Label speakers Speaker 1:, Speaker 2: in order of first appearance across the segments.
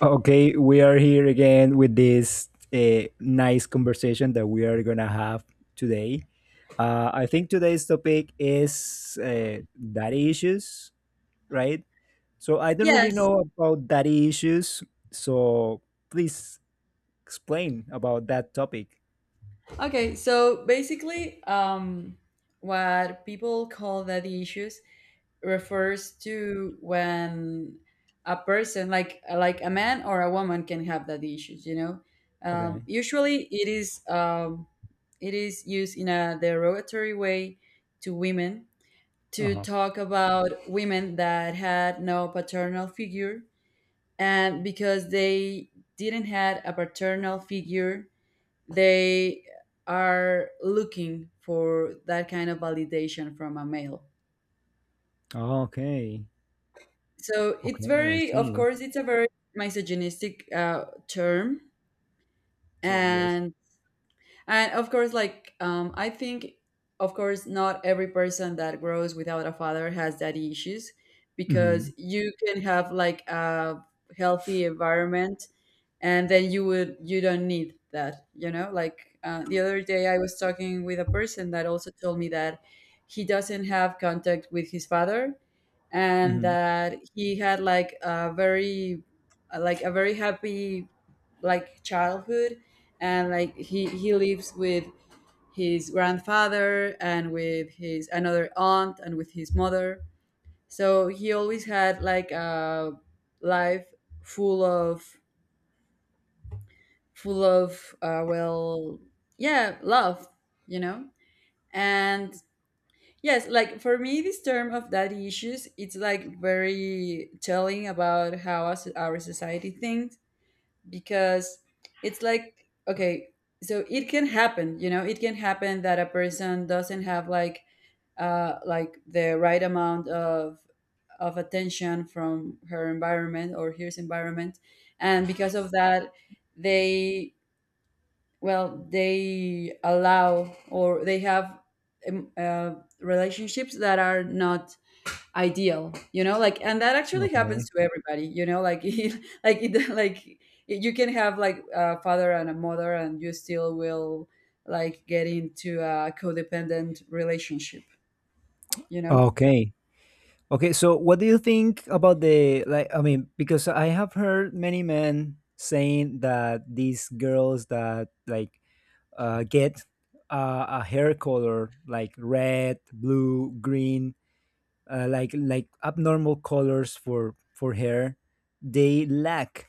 Speaker 1: Okay, we are here again with this nice conversation that we are gonna have today. I think today's topic is daddy issues, right? So I don't really
Speaker 2: Yes.
Speaker 1: know about daddy issues, so please explain about that topic.
Speaker 2: Okay. So basically, what people call daddy issues refers to when a person, like a man or a woman, can have daddy issues. You know,
Speaker 1: Okay.
Speaker 2: usually it is used in a derogatory way to women
Speaker 1: Uh
Speaker 2: to
Speaker 1: huh.
Speaker 2: talk about women that had no paternal figure, and because they didn't had a paternal figure they are looking for that kind of validation from a male.
Speaker 1: Oh, okay.
Speaker 2: So it's
Speaker 1: Okay, I
Speaker 2: very, of
Speaker 1: see.
Speaker 2: course, it's a very misogynistic term,
Speaker 1: See, yes.
Speaker 2: and and of course, like, I think, of course, not every person that grows without a father has daddy issues,
Speaker 1: Mm-hmm.
Speaker 2: because you can have like a healthy environment and then you don't need that. The other day I was talking with a person that also told me that he doesn't have contact with his father and
Speaker 1: Mm-hmm.
Speaker 2: that he had like a very happy like childhood and like he lives with his grandfather and with his another aunt and with his mother, so he always had like a life full of full of, yeah, love, you know. And yes, like for me this term of daddy issues, it's like very telling about how us, our society thinks, because it's like, okay, so it can happen, you know, it can happen that a person doesn't have like the right amount of attention from her environment or his environment, and because of that they, well, they allow or they have um, uh, relationships that are not ideal, you know, like, and that actually happens
Speaker 1: Okay.
Speaker 2: to everybody, you know, like like you can have like a father and a mother and you still will like get into a codependent relationship, you know.
Speaker 1: Okay. Okay, so what do you think about the, I mean, because I have heard many men saying that these girls that like get a hair color like red, blue, green, like abnormal colors for hair, they lack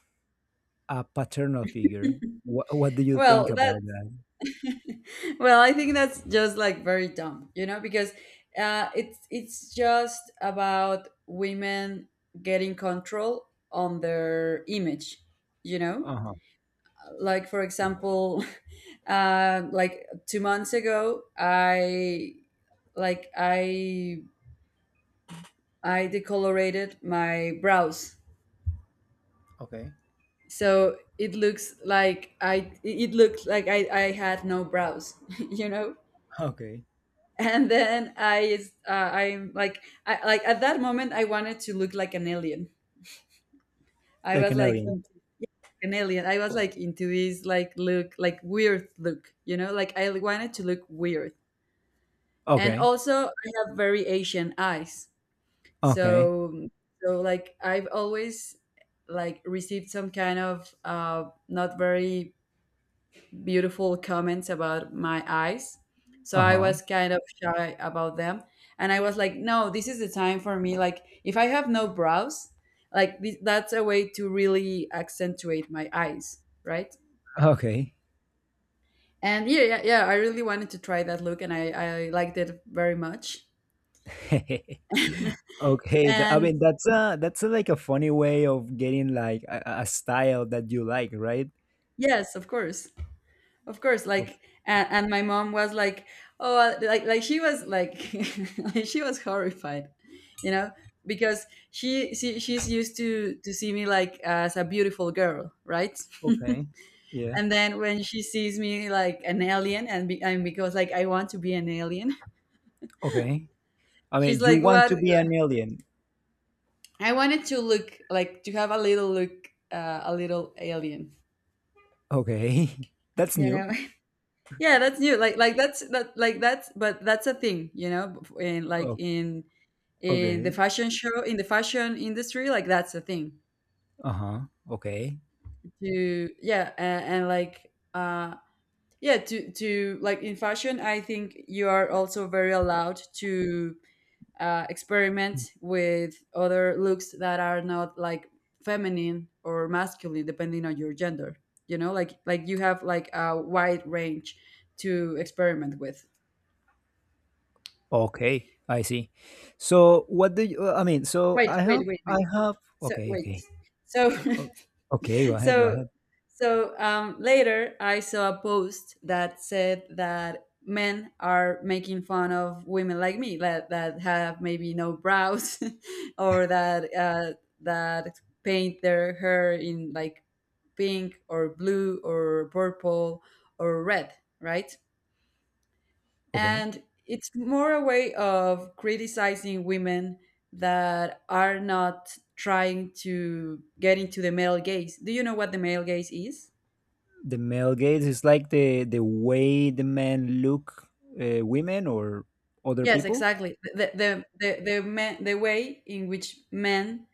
Speaker 1: a paternal figure. What do you think
Speaker 2: Well that
Speaker 1: about that?
Speaker 2: well, I think that's just like very dumb, you know, because it's just about women getting control on their image, you know.
Speaker 1: Uh-huh.
Speaker 2: Like for example, like 2 months ago, I I decolorated my brows,
Speaker 1: Okay.
Speaker 2: so it looked like I had no brows, you know.
Speaker 1: Okay.
Speaker 2: And then I, I'm like, I like at that moment I wanted to look like an alien. I
Speaker 1: Like
Speaker 2: was
Speaker 1: an
Speaker 2: like
Speaker 1: alien.
Speaker 2: into an alien. I was like into his like look, like weird look, you know, like I wanted to look weird. And
Speaker 1: Okay.
Speaker 2: also I have very Asian eyes,
Speaker 1: Okay.
Speaker 2: so so like I've always like received some kind of not very beautiful comments about my eyes. So I
Speaker 1: Uh-huh.
Speaker 2: was kind of shy about them. And I was like, no, this is the time for me. Like, if I have no brows, like that's a way to really accentuate my eyes, right?
Speaker 1: Okay.
Speaker 2: And yeah, yeah, yeah, I really wanted to try that look and I liked it very much.
Speaker 1: Okay, I
Speaker 2: And
Speaker 1: mean that's like a funny way of getting like a style that you like, right?
Speaker 2: yes, of course. Of course,
Speaker 1: Of
Speaker 2: like and my mom was like, oh, like she was like, like, she was horrified, you know, because she's used to see me like as a beautiful girl, right?
Speaker 1: okay, yeah,
Speaker 2: And then when she sees me like an alien, and because like I want to be an alien,
Speaker 1: okay. I
Speaker 2: she's
Speaker 1: mean, you
Speaker 2: like,
Speaker 1: want
Speaker 2: what?
Speaker 1: to be an alien?
Speaker 2: I wanted to look like to have a little look, a little alien,
Speaker 1: Okay, that's
Speaker 2: you
Speaker 1: new.
Speaker 2: know. Yeah, that's new. Like like that's that like that's but that's a thing, you know, in
Speaker 1: Oh,
Speaker 2: in the
Speaker 1: okay.
Speaker 2: fashion show, in the fashion industry, like that's a thing
Speaker 1: Uh huh. Okay.
Speaker 2: to, yeah. And yeah, to like in fashion I think you are also very allowed to experiment with other looks that are not like feminine or masculine depending on your gender, you know, like you have like a wide range to experiment with.
Speaker 1: Okay. I see. So what do you? I mean, so
Speaker 2: wait wait wait
Speaker 1: I
Speaker 2: wait
Speaker 1: have.
Speaker 2: so
Speaker 1: Okay.
Speaker 2: wait.
Speaker 1: Okay.
Speaker 2: So
Speaker 1: O- Okay. Go ahead. Go
Speaker 2: so
Speaker 1: ahead.
Speaker 2: so later I saw a post that said that men are making fun of women like me that have maybe no brows or that that paint their hair in like pink or blue or purple or red, right?
Speaker 1: Okay.
Speaker 2: And it's more a way of criticizing women that are not trying to get into the male gaze. Do you know what the male gaze is?
Speaker 1: The male gaze is like the way the men look women or other
Speaker 2: Yes,
Speaker 1: people.
Speaker 2: exactly. The way in which men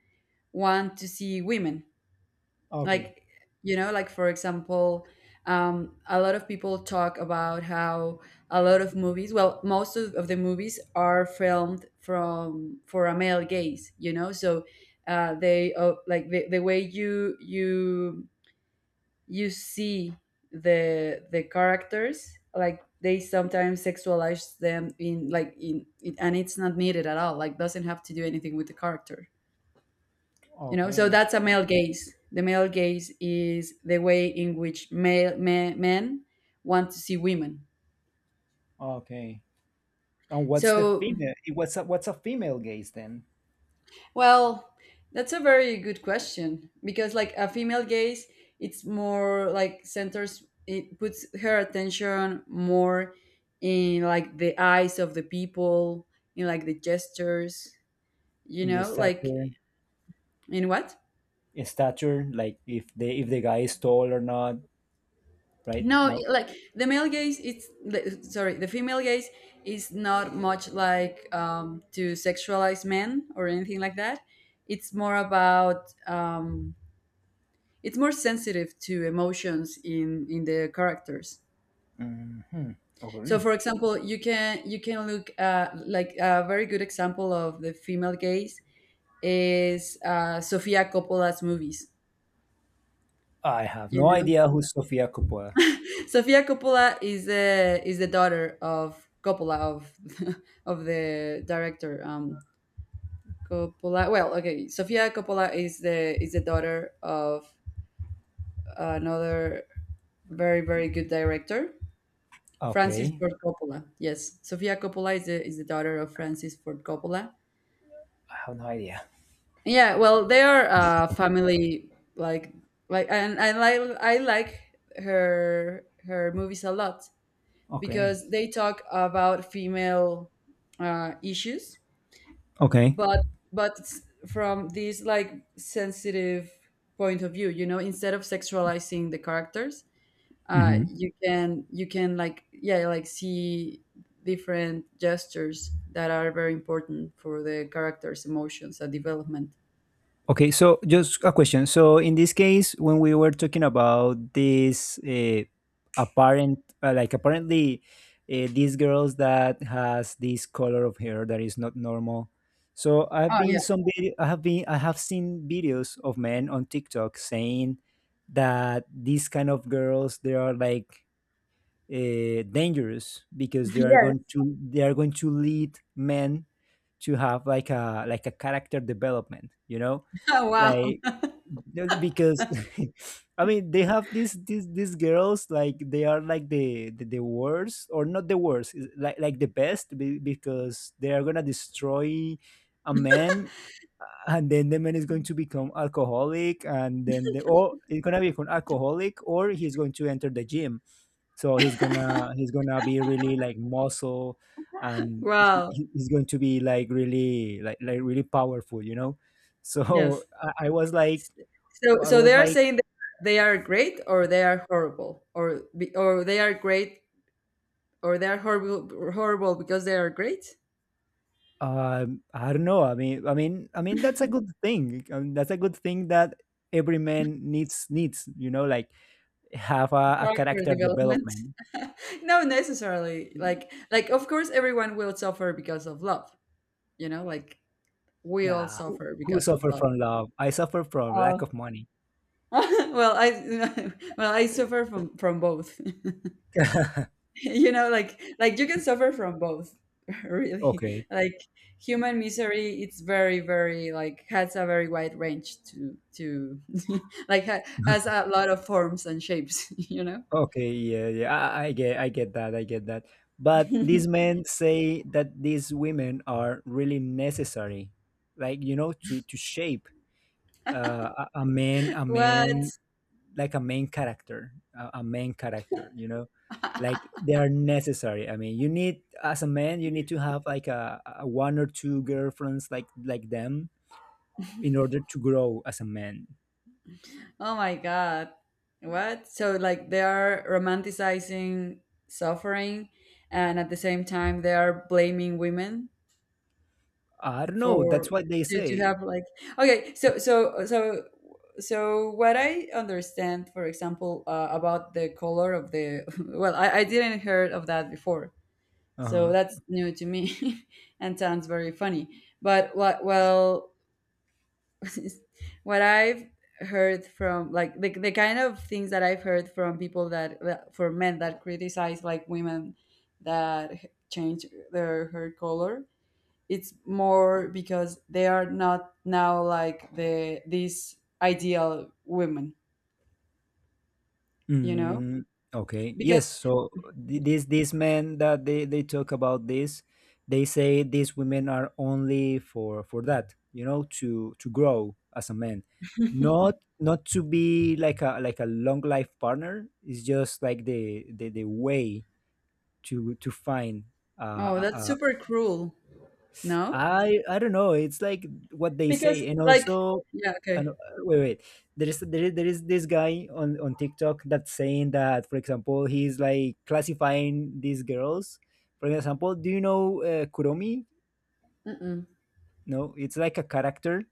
Speaker 2: want to see women.
Speaker 1: Okay,
Speaker 2: Like you know, like for example, a lot of people talk about how a lot of movies, well, most of the movies are filmed from for a male gaze, you know. So they like the way you see the characters, like they sometimes sexualize them in and it's not needed at all, like doesn't have to do anything with the character, you know. So
Speaker 1: okay,
Speaker 2: that's a male gaze. The male gaze is the way in which men want to see women.
Speaker 1: okay. And what's the
Speaker 2: So,
Speaker 1: female? What's what's a female gaze then
Speaker 2: well, that's a very good question, because like a female gaze, it's more like centers, it puts her attention more in like the eyes of the people, in like the gestures, you
Speaker 1: in the
Speaker 2: know, like.
Speaker 1: stature?
Speaker 2: In what?
Speaker 1: In stature, like if the guy is tall or not, right?
Speaker 2: No,
Speaker 1: No.
Speaker 2: like the male gaze, it's the, sorry, the female gaze is not much like to sexualize men or anything like that. It's more about, it's more sensitive to emotions in the characters.
Speaker 1: Hmm.
Speaker 2: So,
Speaker 1: Okay.
Speaker 2: for example, you can look like a very good example of the female gaze is Sofia Coppola's movies.
Speaker 1: I have
Speaker 2: You
Speaker 1: no
Speaker 2: know
Speaker 1: idea who Sofia Coppola.
Speaker 2: Sofia Coppola is the daughter of Coppola, of of the director Coppola. Well, okay, Sofia Coppola is the daughter of another very very good director, Francis
Speaker 1: Okay,
Speaker 2: Ford Coppola. Yes, Sofia Coppola is the daughter of Francis Ford Coppola.
Speaker 1: I have no idea.
Speaker 2: Yeah, well, they are a family like and I like her movies a lot,
Speaker 1: Okay.
Speaker 2: because they talk about female issues,
Speaker 1: Okay.
Speaker 2: but but it's from this like sensitive point of view, you know, instead of sexualizing the characters,
Speaker 1: Hmm.
Speaker 2: you can like, yeah, like see different gestures that are very important for the characters' emotions and development.
Speaker 1: Okay, so just a question. So in this case, when we were talking about this apparent, like apparently these girls that has this color of hair that is not normal. So I've
Speaker 2: Oh
Speaker 1: been
Speaker 2: yeah,
Speaker 1: some video, I have been I have seen videos of men on TikTok saying that these kind of girls they are like dangerous because they are
Speaker 2: yes.
Speaker 1: going to they are going to lead men to have like a character development, you know,
Speaker 2: Wow,
Speaker 1: like no, because I mean they have these these girls like they are like the worst, or not the worst is like the best because they are gonna destroy a man, and then the man is going to become alcoholic, and then the, or it's gonna become alcoholic, or he's going to enter the gym, so he's gonna be really like muscle, and
Speaker 2: wow,
Speaker 1: he's going to be like really like really powerful, you know. So
Speaker 2: yes.
Speaker 1: I was like,
Speaker 2: So
Speaker 1: I
Speaker 2: so
Speaker 1: was
Speaker 2: they are
Speaker 1: like,
Speaker 2: saying that they are great or they are horrible or or they are great or they are horrible, horrible because they are great.
Speaker 1: I don't know. I mean that's a good thing. I mean, that's a good thing that every man needs, you know, like have a
Speaker 2: Character
Speaker 1: character
Speaker 2: development.
Speaker 1: development.
Speaker 2: No necessarily, like of course everyone will suffer because of love, you know, like we all
Speaker 1: Nah,
Speaker 2: suffer
Speaker 1: who
Speaker 2: because of
Speaker 1: suffer
Speaker 2: love.
Speaker 1: from love? I suffer from lack
Speaker 2: Oh.
Speaker 1: of money.
Speaker 2: Well, I well, I suffer from both. You know, like you can suffer from both. Really,
Speaker 1: Okay.
Speaker 2: like human misery, it's very very like has a very wide range to like has a lot of forms and shapes. You know.
Speaker 1: Okay, yeah, I, I get that, I get that. But these men say that these women are really necessary, like, you know, to shape a man, a
Speaker 2: What?
Speaker 1: man, like a main character, a main character. You know, like they are necessary. I mean, you need as a man, you need to have like a, one or two girlfriends like them in order to grow as a man.
Speaker 2: Oh my God. What? So, like, they are romanticizing suffering, and at the same time, they are blaming women
Speaker 1: I don't know. That's
Speaker 2: for
Speaker 1: what they
Speaker 2: to
Speaker 1: say.
Speaker 2: have like, okay. So, what I understand, for example, about the color of the well, I didn't heard of that before, so
Speaker 1: Uh-huh.
Speaker 2: that's new to me, and sounds very funny. But what? Well, what I've heard from like the kind of things that I've heard from people that for men that criticize like women that change their hair color, it's more because they are not now like these ideal women, you know?
Speaker 1: Mm, okay. Yes.
Speaker 2: Because,
Speaker 1: So these men that they talk about this, they say these women are only for that. You know, to grow as a man, not to be like a long life partner. It's just like the way to find.
Speaker 2: oh,
Speaker 1: Uh,
Speaker 2: that's
Speaker 1: a,
Speaker 2: super cruel. No?
Speaker 1: I don't know. It's like what they
Speaker 2: Because
Speaker 1: say, and
Speaker 2: like,
Speaker 1: also,
Speaker 2: yeah,
Speaker 1: and
Speaker 2: okay.
Speaker 1: wait, wait. There is this guy on TikTok that's saying that, for example, he's like classifying these girls. For example, do you know Kuromi?
Speaker 2: Mm-mm.
Speaker 1: No, it's like a character.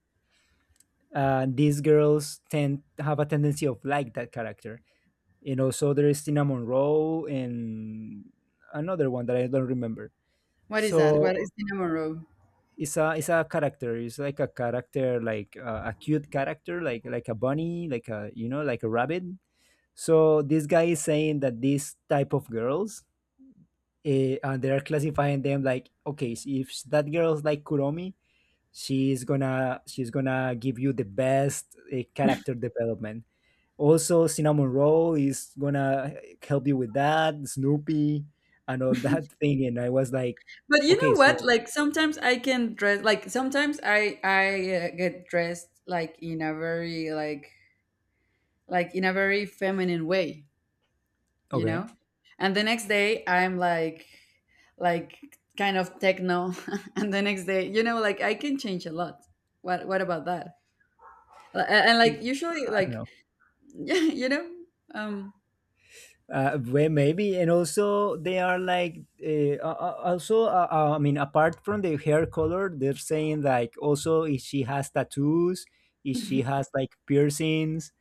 Speaker 1: These girls tend have a tendency of like that character, and also there is Tina Monroe and another one that I don't remember.
Speaker 2: What is that?
Speaker 1: So
Speaker 2: What is cinnamon roll?
Speaker 1: it's a character, it's like a character like a cute character like a bunny, like a, you know, like a rabbit. So this guy is saying that this type of girls, and they're classifying them like, okay, s- if s- that girl's like Kuromi, she's gonna give you the best character development. Also, cinnamon roll is gonna help you with that, Snoopy, and all that thing, and I was like,
Speaker 2: But you
Speaker 1: okay,
Speaker 2: know what?
Speaker 1: so
Speaker 2: Like sometimes I can dress like sometimes I get dressed like in a very like in a very feminine way, you
Speaker 1: okay,
Speaker 2: know? And the next day I'm like kind of techno, and the next day, you know, like I can change a lot. What about that? And, and like usually
Speaker 1: I don't
Speaker 2: like
Speaker 1: know.
Speaker 2: yeah, you know? Um
Speaker 1: Well, maybe. And also, they are like, also, I mean, apart from the hair color, they're saying like, also if she has tattoos, if she has like piercings,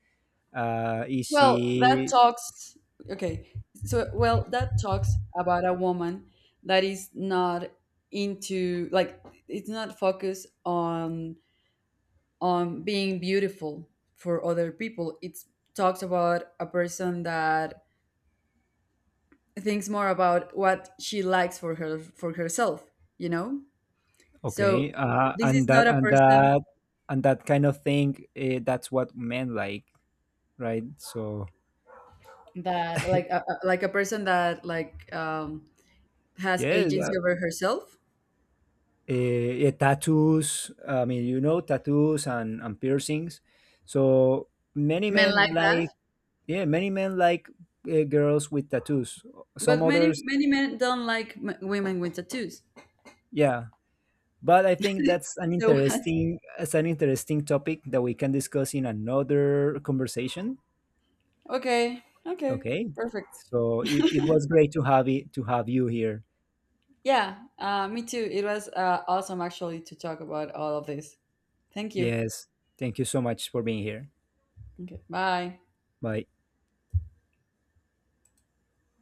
Speaker 1: if
Speaker 2: Well, that
Speaker 1: she
Speaker 2: talks, okay. So, well, that talks about a woman that is not into like, it's not focused on being beautiful for other people. It talks about a person that thinks more about what she likes for her for herself, you know? So,
Speaker 1: okay
Speaker 2: this is
Speaker 1: and
Speaker 2: not a person
Speaker 1: that kind of thing, that's what men like, right? So
Speaker 2: that like like a person that like has
Speaker 1: yes,
Speaker 2: agency over herself.
Speaker 1: tattoos, I mean, you know, tattoos and piercings, so many
Speaker 2: Men
Speaker 1: men
Speaker 2: like
Speaker 1: like,
Speaker 2: that.
Speaker 1: yeah, many men like girls with tattoos. Some
Speaker 2: But many
Speaker 1: others,
Speaker 2: many men don't like women with tattoos.
Speaker 1: yeah. But I think that's an
Speaker 2: So what?
Speaker 1: interesting, it's an interesting topic that we can discuss in another conversation.
Speaker 2: Okay, okay,
Speaker 1: Okay.
Speaker 2: perfect.
Speaker 1: So it was great to have it to have you here.
Speaker 2: Yeah, me too. It was awesome actually to talk about all of this. Thank you.
Speaker 1: Yes. Thank you so much for being here.
Speaker 2: Okay, bye.
Speaker 1: Bye.